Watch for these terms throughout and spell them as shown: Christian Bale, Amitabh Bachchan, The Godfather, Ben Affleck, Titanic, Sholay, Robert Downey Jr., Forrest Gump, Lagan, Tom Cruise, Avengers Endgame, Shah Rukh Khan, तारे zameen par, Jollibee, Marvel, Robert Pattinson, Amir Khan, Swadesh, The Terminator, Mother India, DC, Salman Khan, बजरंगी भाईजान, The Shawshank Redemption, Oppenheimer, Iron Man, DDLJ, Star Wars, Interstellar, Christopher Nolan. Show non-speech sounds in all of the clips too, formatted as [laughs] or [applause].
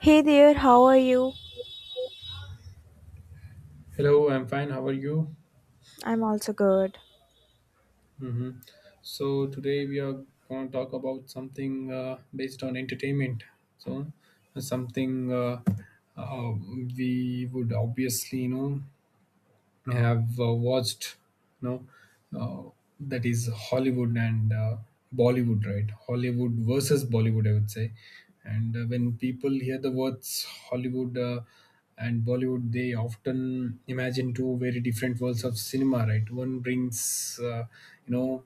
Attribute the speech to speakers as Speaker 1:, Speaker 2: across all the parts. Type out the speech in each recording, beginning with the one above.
Speaker 1: Hey there, how are you?
Speaker 2: Hello, I'm fine. How are you?
Speaker 1: I'm also good.
Speaker 2: hmm So today we are going to talk about something based on entertainment. So something uh, we would obviously you know I have watched no uh, that is Hollywood and Bollywood, right? Hollywood versus Bollywood, I would say. And when people hear the words Hollywood and Bollywood, they often imagine two very different worlds of cinema, right? One brings, you know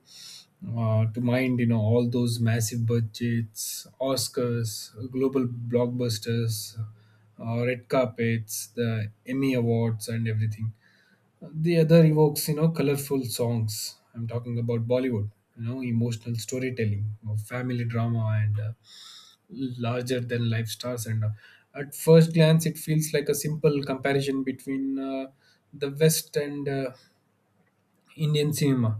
Speaker 2: to mind, you know, all those massive budgets, Oscars, global blockbusters, red carpets, the Emmy Awards, and everything. The other evokes, you know, colorful songs. I'm talking about Bollywood, you know, emotional storytelling, you know, family drama, and larger than life stars. And at first glance, it feels like a simple comparison between the West and Indian cinema,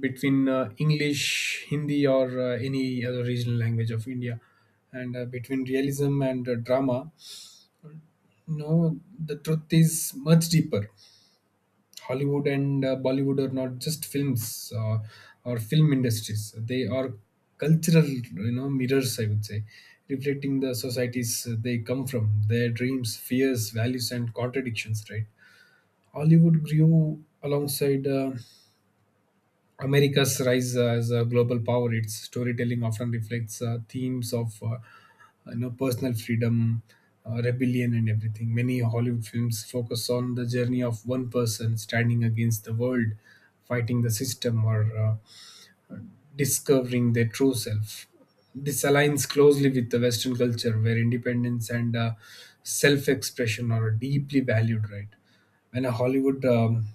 Speaker 2: between English, Hindi, or any other regional language of India. And between realism and drama, you know, the truth is much deeper. Hollywood and Bollywood are not just films or film industries. They are cultural, you know, mirrors, I would say, reflecting the societies they come from, their dreams, fears, values, and contradictions. Right. Hollywood grew alongside America's rise as a global power. Its storytelling often reflects themes of, you know, personal freedom, rebellion, and everything. Many Hollywood films focus on the journey of one person standing against the world, fighting the system, or discovering their true self. This aligns closely with the Western culture, where independence and self-expression are deeply valued. Right. When a Hollywood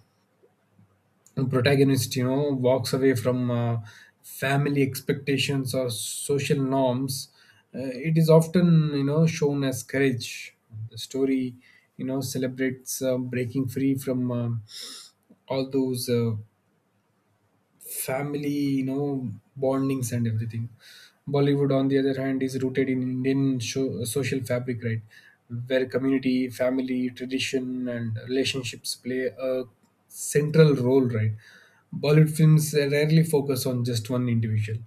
Speaker 2: protagonist, you know, walks away from family expectations or social norms, uh, it is often, you know, shown as courage. The story, you know, celebrates breaking free from all those family, you know, bondings and everything. Bollywood, on the other hand, is rooted in Indian social fabric, right, where community, family, tradition, and relationships play a central role. Right. Bollywood films rarely focus on just one individual.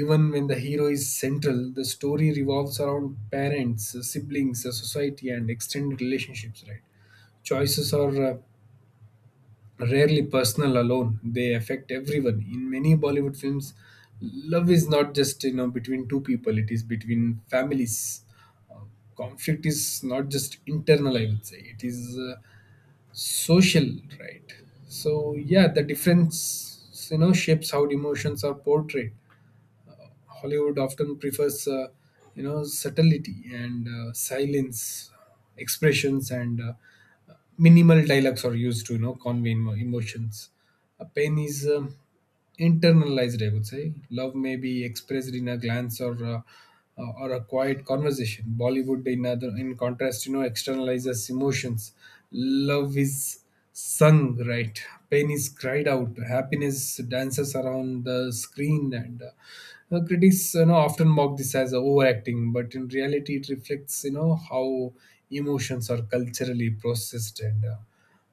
Speaker 2: Even when the hero is central, the story revolves around parents, siblings, society, and extended relationships, right? Choices are rarely personal alone. They affect everyone. In many Bollywood films, love is not just, you know, between two people, it is between families. uh, Conflict is not just internal, I would say, it is social. Right. So yeah, the difference, you know, shapes how emotions are portrayed. Hollywood often prefers, you know, subtlety and silence. Expressions and minimal dialogues are used to, you know, convey emotions. A pain is internalized, I would say. Love may be expressed in a glance or a quiet conversation. Bollywood, in in contrast, you know, externalizes emotions. Love is sung, right? Pain is cried out. Happiness dances around the screen, and critics, you know, often mock this as overacting, but in reality it reflects, you know, how emotions are culturally processed and uh,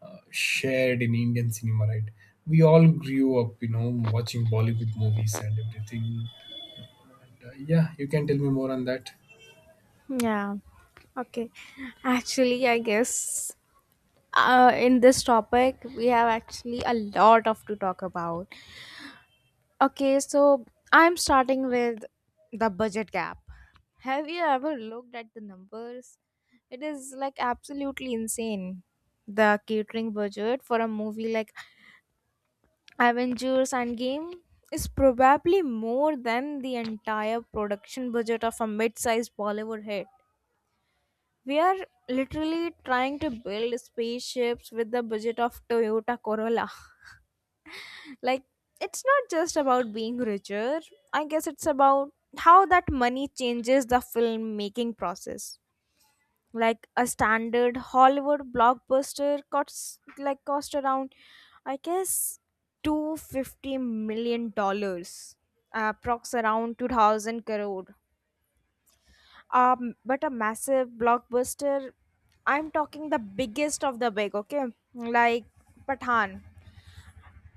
Speaker 2: uh, shared in Indian cinema, right? We all grew up, you know, watching Bollywood movies and everything. And, yeah, you can tell me more on that.
Speaker 1: Yeah, okay. Actually, I guess, in this topic, we have actually a lot of to talk about. Okay, so I'm starting with the budget gap. Have you ever looked at the numbers? It is like absolutely insane. The catering budget for a movie like Avengers Endgame is probably more than the entire production budget of a mid sized Bollywood hit. We are literally trying to build spaceships with the budget of Toyota Corolla. [laughs] Like, it's not just about being richer. I guess it's about how that money changes the filmmaking process. Like, a standard Hollywood blockbuster costs like cost around, I guess, $250 million approx, around 2000 crore. But a massive blockbuster, I'm talking the biggest of the big, okay, like Pathan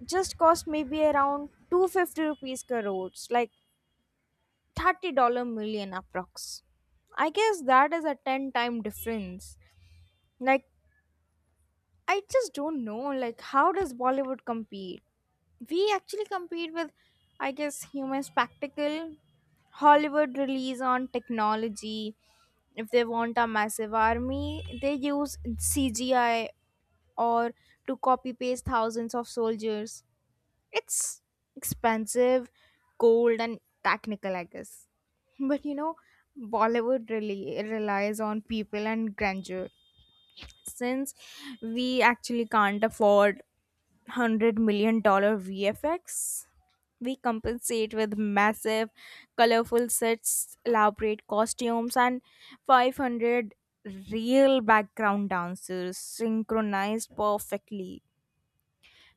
Speaker 1: just cost maybe around 250 rupees crores, like 30 dollar million approx. I guess that is a 10 time difference. Like, I just don't know. Like, how does Bollywood compete? We actually compete with, I guess, human spectacle. Hollywood relies on technology. If they want a massive army, they use CGI or to copy paste thousands of soldiers. It's expensive, cold, and technical, I guess. But you know, Bollywood really relies on people and grandeur. Since we actually can't afford $100 million VFX. We compensate with massive, colorful sets, elaborate costumes, and 500 real background dancers synchronized perfectly.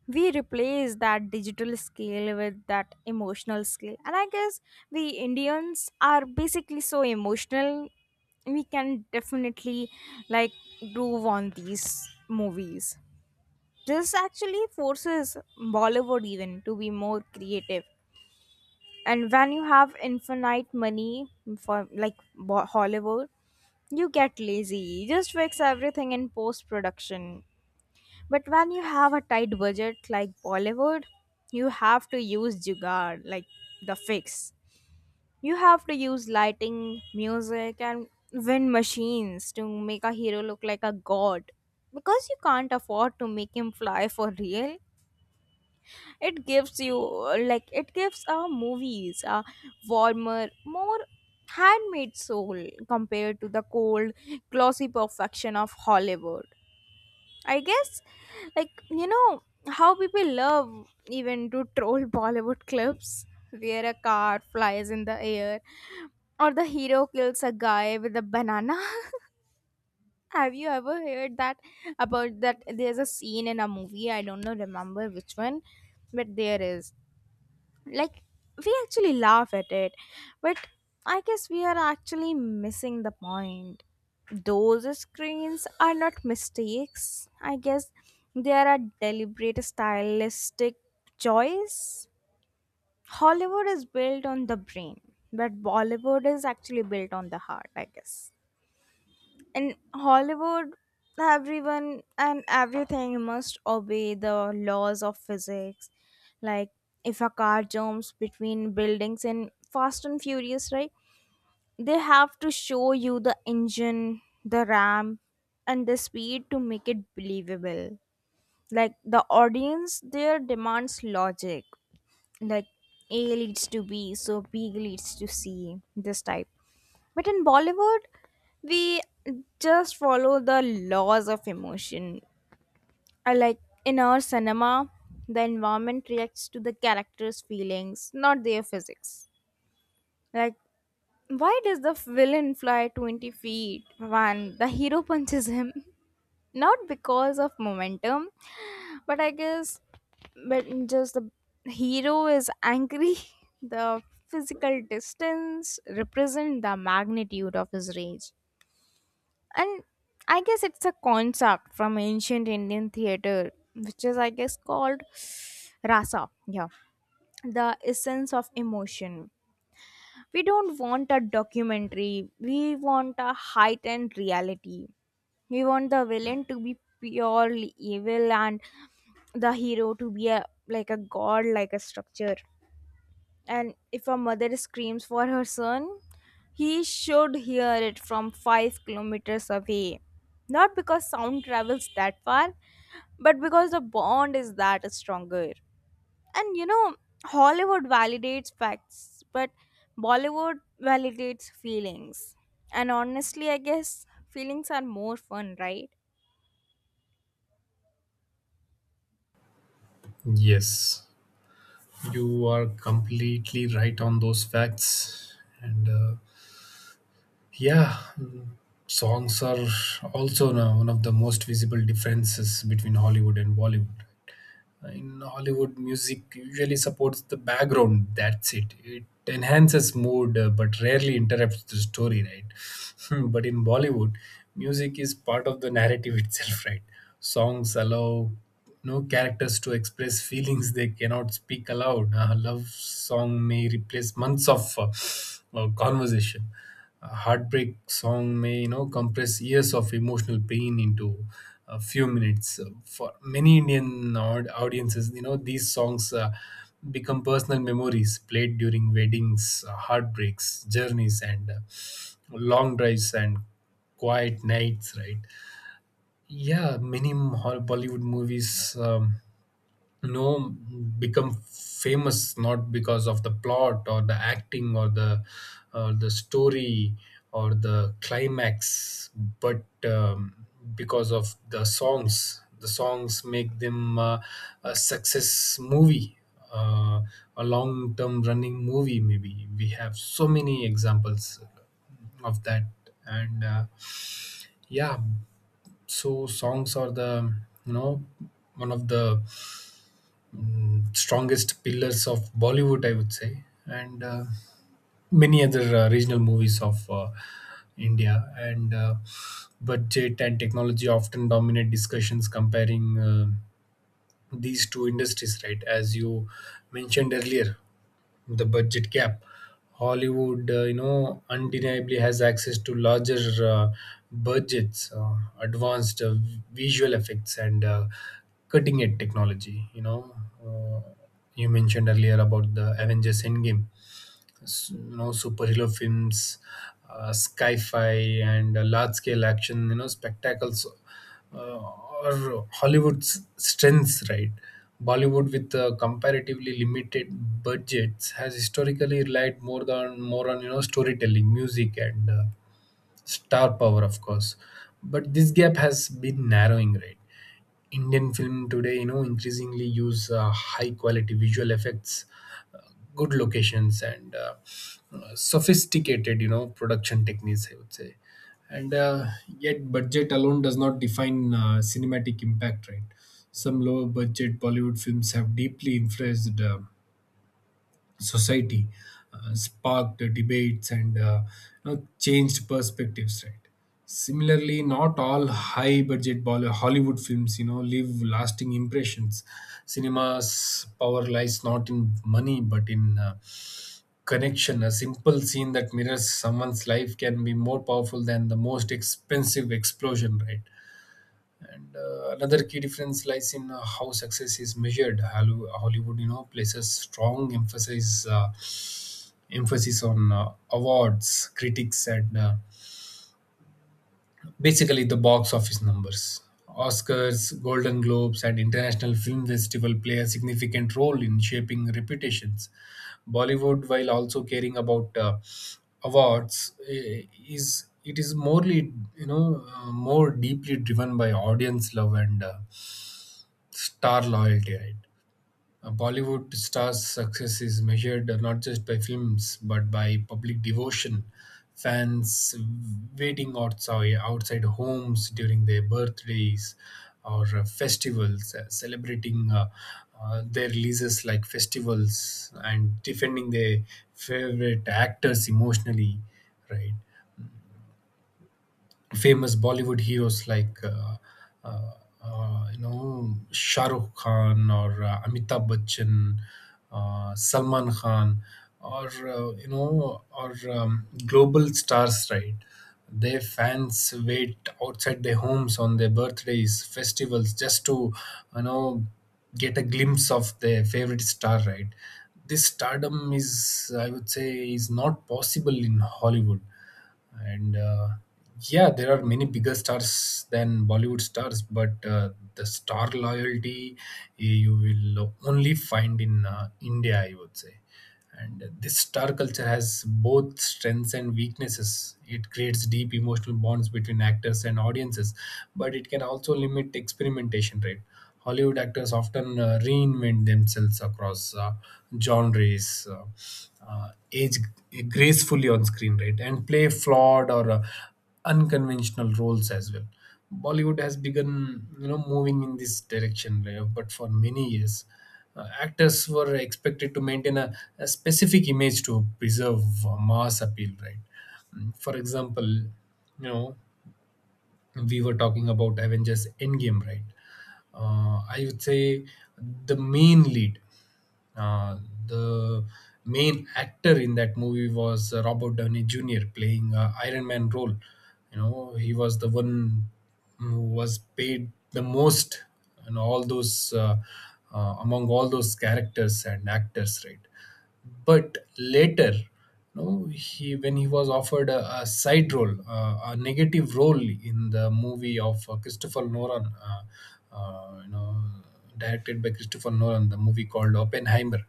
Speaker 1: We replace that digital scale with that emotional scale. And I guess we Indians are basically so emotional, we can definitely like groove on these movies. This actually forces Bollywood even to be more creative. And when you have infinite money for like Hollywood, you get lazy. You just fix everything in post production. But when you have a tight budget like Bollywood, you have to use jugaad like the fix. You have to use lighting, music, and wind machines to make a hero look like a god because you can't afford to make him fly for real, it gives you like it gives our movies a warmer, more handmade soul compared to the cold, glossy perfection of Hollywood, I guess. Like, you know how people love even to troll [laughs] Bollywood clips where a car flies in the air or the hero kills a guy with a banana. [laughs] Have you ever heard that? About that, there's a scene in a movie, I don't know remember which one, but there is, like, we actually laugh at it. But I guess we are actually missing the point. Those screens are not mistakes, I guess, they are a deliberate stylistic choice. Hollywood is built on the brain, but Bollywood is actually built on the heart, I guess. In Hollywood, everyone and everything must obey the laws of physics. Like, if a car jumps between buildings in Fast and Furious, right? They have to show you the engine, the ramp, and the speed to make it believable. Like, the audience there demands logic. Like, A leads to B, so B leads to C, this type. But in Bollywood, we just follow the laws of emotion. I, like, in our cinema, the environment reacts to the character's feelings, not their physics. Like, why does the villain fly 20 feet when the hero punches him? [laughs] Not because of momentum, but I guess, but just the hero is angry. [laughs] The physical distance represent the magnitude of his rage. And I guess it's a concept from ancient Indian theater which is, I guess, called rasa. Yeah, the essence of emotion. We don't want a documentary, we want a heightened reality. We want the villain to be purely evil and the hero to be a like a god like a structure. And if a mother screams for her son, he should hear it from 5 kilometers away. Not because sound travels that far, but because the bond is that stronger. And you know, Hollywood validates facts, but Bollywood validates feelings. And honestly, I guess feelings are more fun, right?
Speaker 2: Yes, you are completely right on those facts. And yeah, songs are also now one of the most visible differences between Hollywood and Bollywood. In Hollywood, music usually supports the background. That's it. It enhances mood, but rarely interrupts the story, right? [laughs] But in Bollywood, music is part of the narrative [laughs] itself, right? Songs allow no characters to express feelings they cannot speak aloud. A love song may replace months of conversation. A heartbreak song may, you know, compress years of emotional pain into a few minutes. So, for many Indian audiences, you know, these songs become personal memories played during weddings, heartbreaks, journeys, and long drives and quiet nights, right? Yeah, many Bollywood movies, um, no become famous not because of the plot or the acting or the story or the climax, but because of the songs. The songs make them a success movie, uh, a long term running movie. Maybe we have so many examples of that. And yeah, so songs are the, you know, one of the strongest pillars of Bollywood, I would say, and many other regional movies of India. And budget and technology often dominate discussions comparing these two industries, right? As you mentioned earlier, the budget gap. Hollywood, you know, undeniably has access to larger uh, budgets, advanced visual effects, and cutting edge technology. You know, uh, you mentioned earlier about the Avengers Endgame, you know, superhero films, sci-fi, and large-scale action, you know, spectacles, uh, or Hollywood's strengths, right? Bollywood, with comparatively limited budgets, has historically relied more on, you know, storytelling, music, and star power, of course. But this gap has been narrowing, right? Indian film today, you know, increasingly use high quality visual effects, uh, good locations, and sophisticated, you know, production techniques, I would say. And yet budget alone does not define cinematic impact, right? Some lower budget Bollywood films have deeply influenced society, sparked debates, and you know, changed perspectives, right? Similarly, not all high-budget Hollywood films, you know, leave lasting impressions. Cinema's power lies not in money, but in connection. A simple scene that mirrors someone's life can be more powerful than the most expensive explosion, right? And another key difference lies in how success is measured. Hollywood, you know, places strong emphasis on awards, critics, and basically the box office numbers. Oscars, Golden Globes, and international film festival play a significant role in shaping reputations. Bollywood, while also caring about awards, is morely, you know, more deeply driven by audience love and star loyalty, right? A Bollywood star's success is measured not just by films but by public devotion. Fans waiting outside homes during their birthdays or festivals, celebrating their releases like festivals, and defending their favorite actors emotionally, right? Famous Bollywood heroes like, uh, you know, Shah Rukh Khan or Amitabh Bachchan, Salman Khan, or global stars, right? Their fans wait outside their homes on their birthdays, festivals, just to, you know, get a glimpse of their favorite star, right? This stardom is, I would say, is not possible in Hollywood, and yeah, there are many bigger stars than Bollywood stars, but the star loyalty, you will only find in India, I would say. And this star culture has both strengths and weaknesses. It creates deep emotional bonds between actors and audiences, but it can also limit experimentation, right? Hollywood actors often reinvent themselves across genres, age gracefully on screen, right? And play flawed or unconventional roles as well. Bollywood has begun, you know, moving in this direction, right? But for many years, actors were expected to maintain a specific image to preserve mass appeal, right? For example, you know, we were talking about Avengers Endgame, right? I would say the main lead. Uh, the main actor in that movie was Robert Downey Jr. playing Iron Man role. You know, he was the one who was paid the most, and all those among all those characters and actors, right? But later, you know, he when he was offered a side role, a negative role in the movie of Christopher Nolan, you know, directed by Christopher Nolan, the movie called Oppenheimer.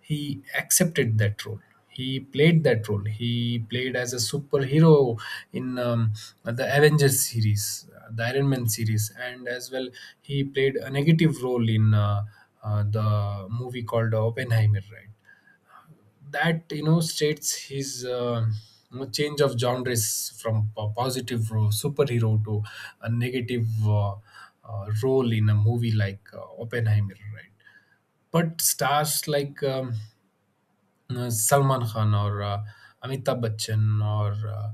Speaker 2: He accepted that role. He played that role. He played as a superhero in the Avengers series, the Iron Man series, and as well he played a negative role in the movie called Oppenheimer, right? That, you know, states his, you know, change of genres from a positive superhero to a negative role in a movie like Oppenheimer, right? But stars like Salman Khan or Amitabh Bachchan or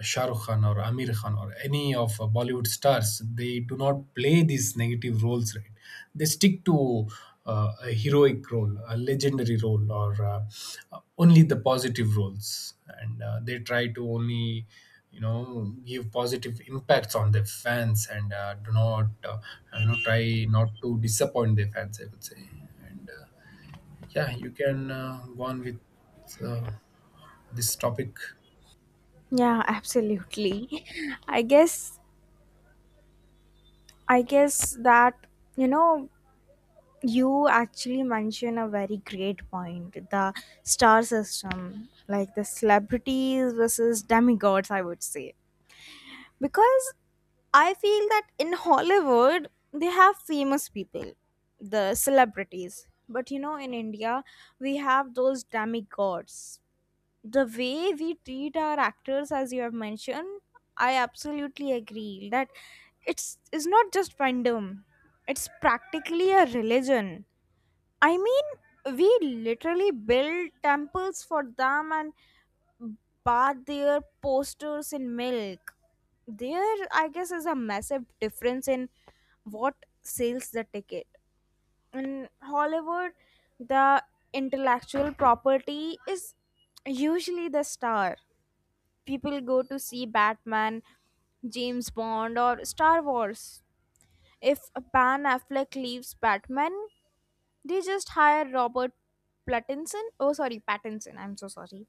Speaker 2: Shah Rukh Khan or Amir Khan or any of Bollywood stars, they do not play these negative roles, right? They stick to a heroic role, a legendary role, or only the positive roles, and they try to only, you know, give positive impacts on their fans and do not you know, try not to disappoint their fans, I would say. And yeah, you can go on with uh, this topic.
Speaker 1: Yeah, absolutely. [laughs] I guess I guess that, you know, you actually mention a very great point. The star system, like the celebrities versus demigods, I would say. Because I feel that in Hollywood they have famous people, the celebrities. But you know, in India we have those demigods, the way we treat our actors. As you have mentioned, I absolutely agree that it's not just fandom, it's practically a religion. I mean, we literally build temples for them and bath their posters in milk. There, I guess, is a massive difference in what sells the ticket. In Hollywood, the intellectual property is usually the star. People go to see Batman, James Bond, or Star Wars. If Pan Affleck leaves Batman, they just hire Robert Pattinson. Oh, sorry, Pattinson. I'm so sorry.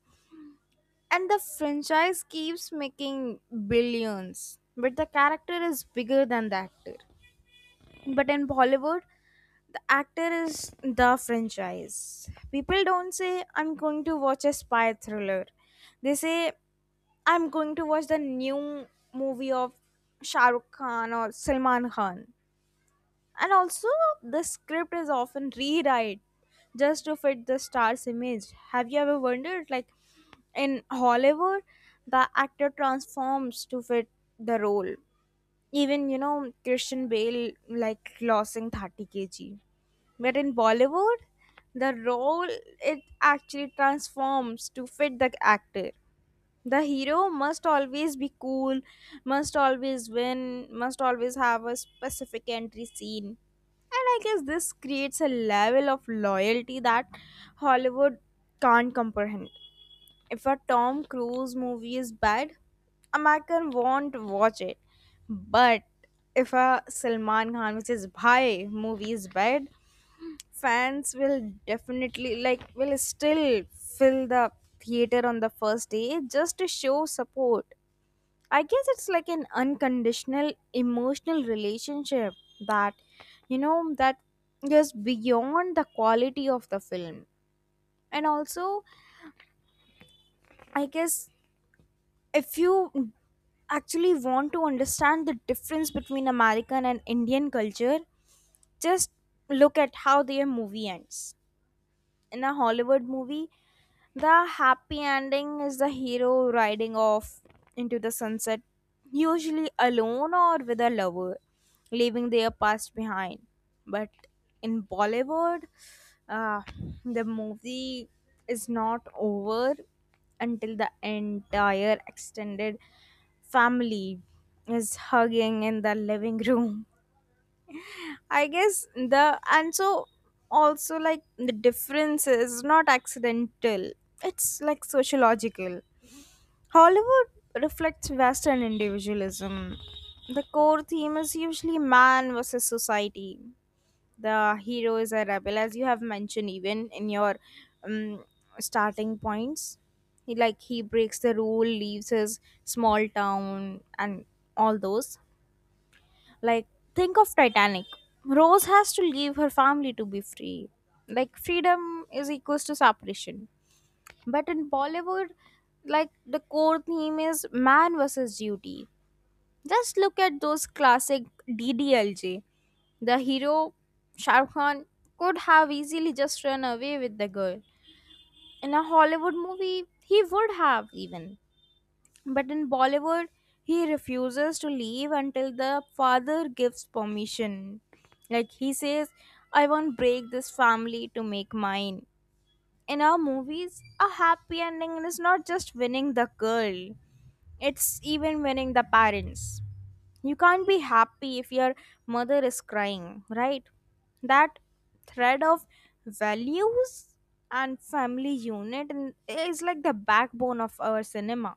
Speaker 1: And the franchise keeps making billions, but the character is bigger than the actor. But in Bollywood, the actor is the franchise. People don't say, I'm going to watch a spy thriller. They say, I'm going to watch the new movie of Shah Rukh Khan or Salman Khan. And also, the script is often rewrite just to fit the star's image. Have you ever wondered, like in Hollywood, the actor transforms to fit the role? Even, you know, Christian Bale like losing 30 kg. But in Bollywood, the role it actually transforms to fit the actor. The hero must always be cool, must always win, must always have a specific entry scene. And I guess this creates a level of loyalty that Hollywood can't comprehend. If a Tom Cruise movie is bad, American won't watch it. But if a Salman Khan, which is Bhai, movie is bad, fans will definitely like will still fill the theater on the first day just to show support. I guess it's like an unconditional emotional relationship that, you know, that goes beyond the quality of the film. And also, I guess if you actually want to understand the difference between American and Indian culture, just look at how their movie ends. In a Hollywood movie, the happy ending is the hero riding off into the sunset, usually alone or with a lover, leaving their past behind. But in Bollywood, uh, the movie is not over until the entire extended family is hugging in the living room. I guess, the and so, also, like, the difference is not accidental. It's like sociological. Hollywood reflects Western individualism. The core theme is usually man versus society. The hero is a rebel, as you have mentioned even in your um, starting points. He, like, he breaks the rule, leaves his small town, and all those, like, think of Titanic. Rose has to leave her family to be free. Like, freedom is equals to separation. But in Bollywood, like, the core theme is man versus duty. Just look at those classic DDLJ. The hero, Shah Rukh Khan, could have easily just run away with the girl. In a Hollywood movie, he would have even. But in Bollywood, he refuses to leave until the father gives permission. Like he says, I won't break this family to make mine. In our movies, a happy ending is not just winning the girl, it's even winning the parents. You can't be happy if your mother is crying, right? That thread of values and family unit is like the backbone of our cinema.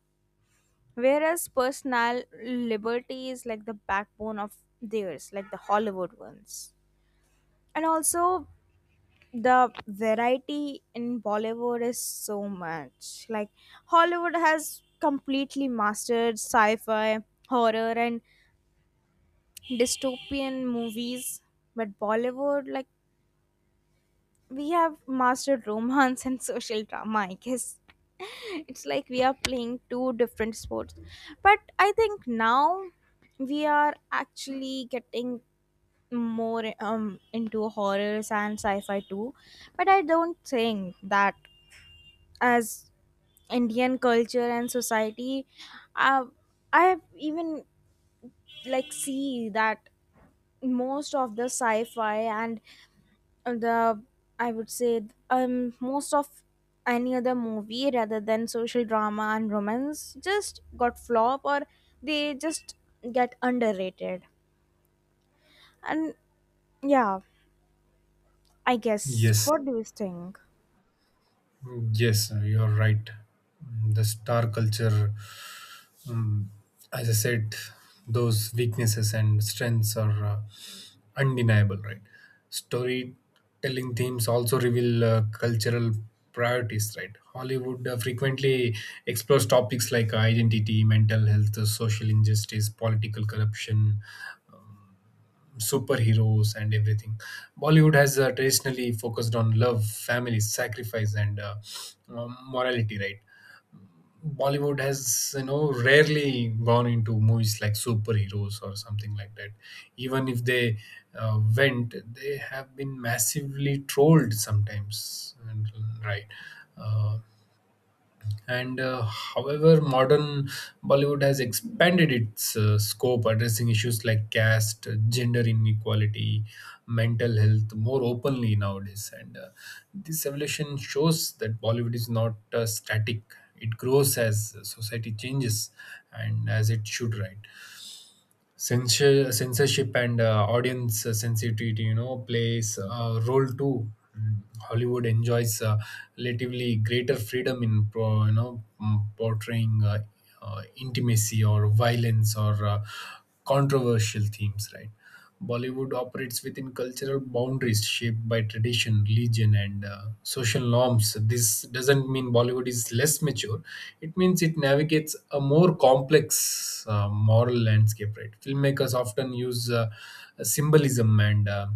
Speaker 1: Whereas personal liberty is like the backbone of theirs, like the Hollywood ones. And also, the variety in Bollywood is so much. Like, Hollywood has completely mastered sci fi, horror, and dystopian movies. But Bollywood, like, we have mastered romance and social drama, I guess. [laughs] It's like we are playing two different sports, but I think now we are actually getting more into horrors and sci-fi too. But I don't think that, as Indian culture and society, uh, I have even, like, see that most of the sci-fi and the, I would say, most of any other movie rather than social drama and romance just got flop, or they just get underrated. And yeah, I guess
Speaker 2: Yes,
Speaker 1: what do you think?
Speaker 2: yes, you're right. The star culture, um, as I said, those weaknesses and strengths are undeniable, right? Storytelling themes also reveal cultural priorities, right? Hollywood frequently explores topics like identity, mental health, social injustice, political corruption, superheroes and everything. Bollywood has traditionally focused on love, family, sacrifice, and morality, right? Bollywood has, you know, rarely gone into movies like superheroes or something like that. Even if they went, they have been massively trolled sometimes, and, right? Uh, and However, modern Bollywood has expanded its scope, addressing issues like caste, gender inequality, mental health more openly nowadays. And this evolution shows that Bollywood is not static, it grows as society changes and as it should, right? Censure, censorship and audience sensitivity, plays a role too. Mm, Hollywood enjoys relatively greater freedom in, pro, you know, mm, portraying intimacy or violence or controversial themes, right? Bollywood operates within cultural boundaries shaped by tradition, religion, and social norms. This doesn't mean Bollywood is less mature. It means it navigates a more complex moral landscape, right? Filmmakers often use symbolism and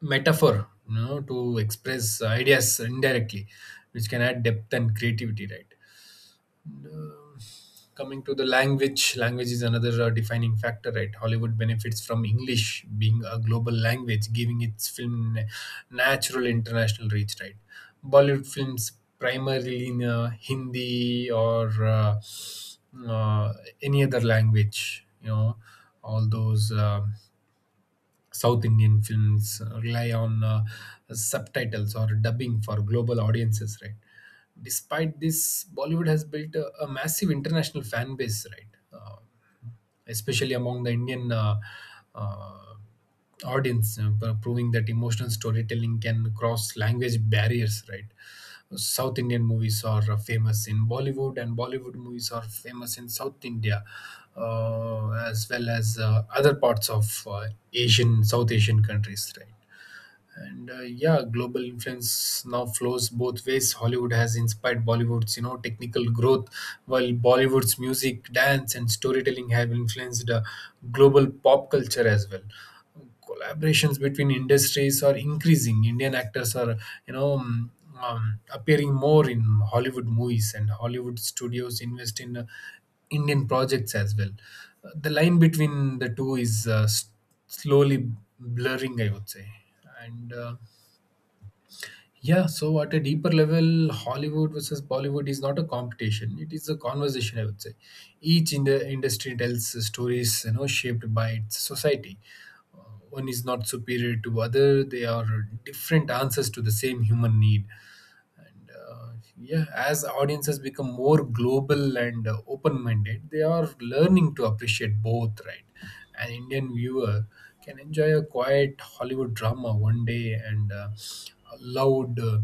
Speaker 2: metaphor, you know, to express ideas indirectly, which can add depth and creativity, right? And, um, Coming to the language, language is another defining factor, right? Hollywood benefits from English being a global language, giving its natural international reach, right? Bollywood films primarily in Hindi or uh, any other language, you know, all those. South Indian films rely on subtitles or dubbing for global audiences, right? Despite this, Bollywood has built a massive international fan base, right? Uh, Especially among the Indian uh, audience, proving that emotional storytelling can cross language barriers, right? South Indian movies are famous in Bollywood, and Bollywood movies are famous in South India, as well as other parts of Asian, South Asian countries, right? and Yeah, global influence now flows both ways. Hollywood has inspired Bollywood's, you know, technical growth, while Bollywood's music, dance and storytelling have influenced global pop culture as well. Collaborations between industries are increasing. Indian actors are, you know, um, appearing more in Hollywood movies, and Hollywood studios invest in Indian projects as well. The line between the two is slowly blurring, I would say, and yeah, so at a deeper level, Hollywood versus Bollywood is not a competition. It is a conversation, I would say. Each in the industry tells stories, you know, shaped by its society. Uh, One is not superior to other. They are different answers to the same human need, and yeah, as audiences become more global and open minded, they are learning to appreciate both, right? An Indian viewer can enjoy a quiet Hollywood drama one day and a loud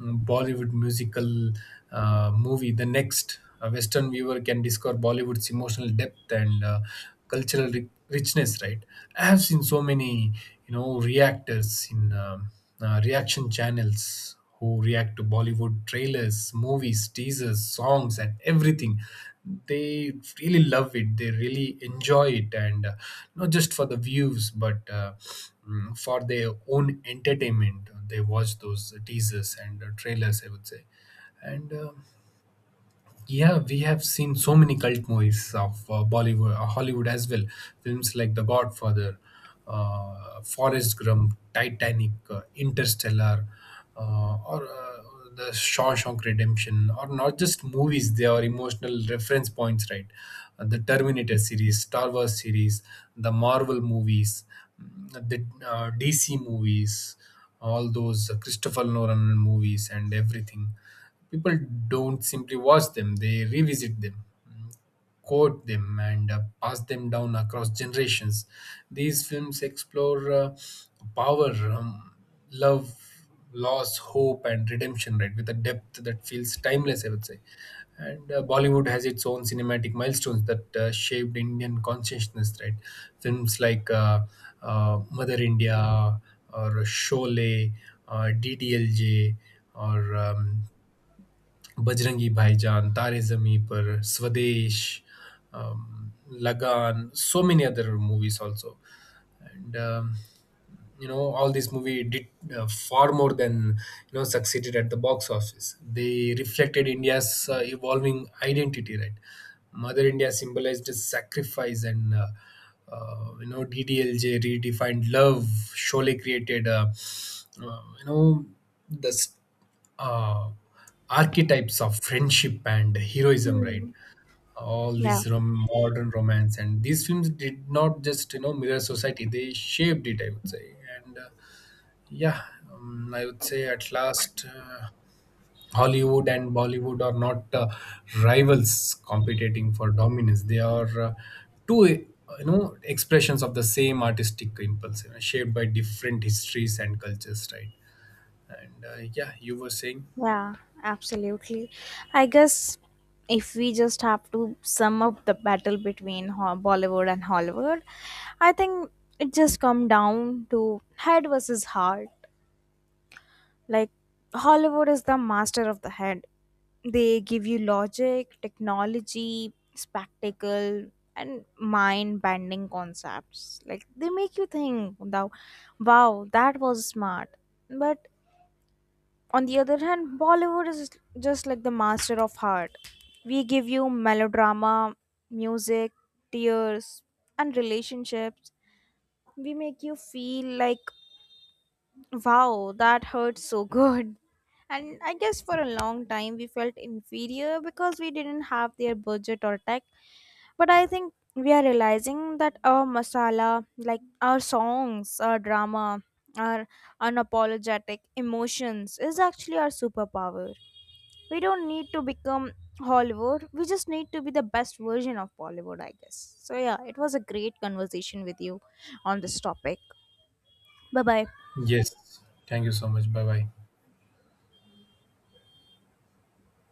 Speaker 2: Bollywood musical movie the next. A western viewer can discover Bollywood's emotional depth and cultural richness, right? I have seen so many, you know, reactors in reaction channels who react to Bollywood trailers, movies, teasers, songs, and everything. They really love it. They really enjoy it, and not just for the views, but for their own entertainment. They watch those teasers and trailers, I would say, and yeah, we have seen so many cult movies of Bollywood, Hollywood as well. Films like The Godfather, Forrest Gump, Titanic, Interstellar, or The Shawshank Redemption, or not just movies, they are emotional reference points, right? The Terminator series, Star Wars series, the Marvel movies, mm, the DC movies, all those Christopher Nolan movies, and everything. People don't simply watch them, they revisit them, mm, quote them, and pass them down across generations. These films explore power, love, loss, hope, and redemption, right, with a depth that feels timeless, I would say. And Bollywood has its own cinematic milestones that shaped Indian consciousness, right? Films like Mother India or Sholay or DDLJ or बजरंगी भाईजान तारे zameen par swadesh, um, lagan, so many other movies also, and you know, all this movie did far more than, you know, succeeded at the box office. They reflected India's evolving identity, right? Mother India symbolized sacrifice and, you know, DDLJ redefined love. Sholay created you know, the s- uh, archetypes of friendship and heroism, right? All this
Speaker 1: Yeah,
Speaker 2: modern romance, and these films did not just, you know, mirror society, they shaped it, I would say. And yeah I would say at last, Hollywood and Bollywood are not rivals competing for dominance. They are two you know, expressions of the same artistic impulse, you know, shaped by different histories and cultures, right? And yeah, you were saying.
Speaker 1: yeah, absolutely. I guess if we just have to sum up the battle between Bollywood and Hollywood, I think it just come down to head versus heart. Like, Hollywood is the master of the head. They give you logic, technology, spectacle, and mind bending concepts. Like, they make you think, wow, wow, that was smart. But on the other hand, Bollywood is just like the master of heart. We give you melodrama, music, tears, and relationships. We make you feel like, wow, that hurts so good. And I guess for a long time we felt inferior because we didn't have their budget or tech. But I think we are realizing that our masala, like our songs, our drama, our unapologetic emotions, is actually our superpower. We don't need to become Hollywood, we just need to be the best version of Bollywood, I guess. So, yeah, it was a great conversation with you on this topic. Bye bye.
Speaker 2: Yes, thank you so much. Bye bye.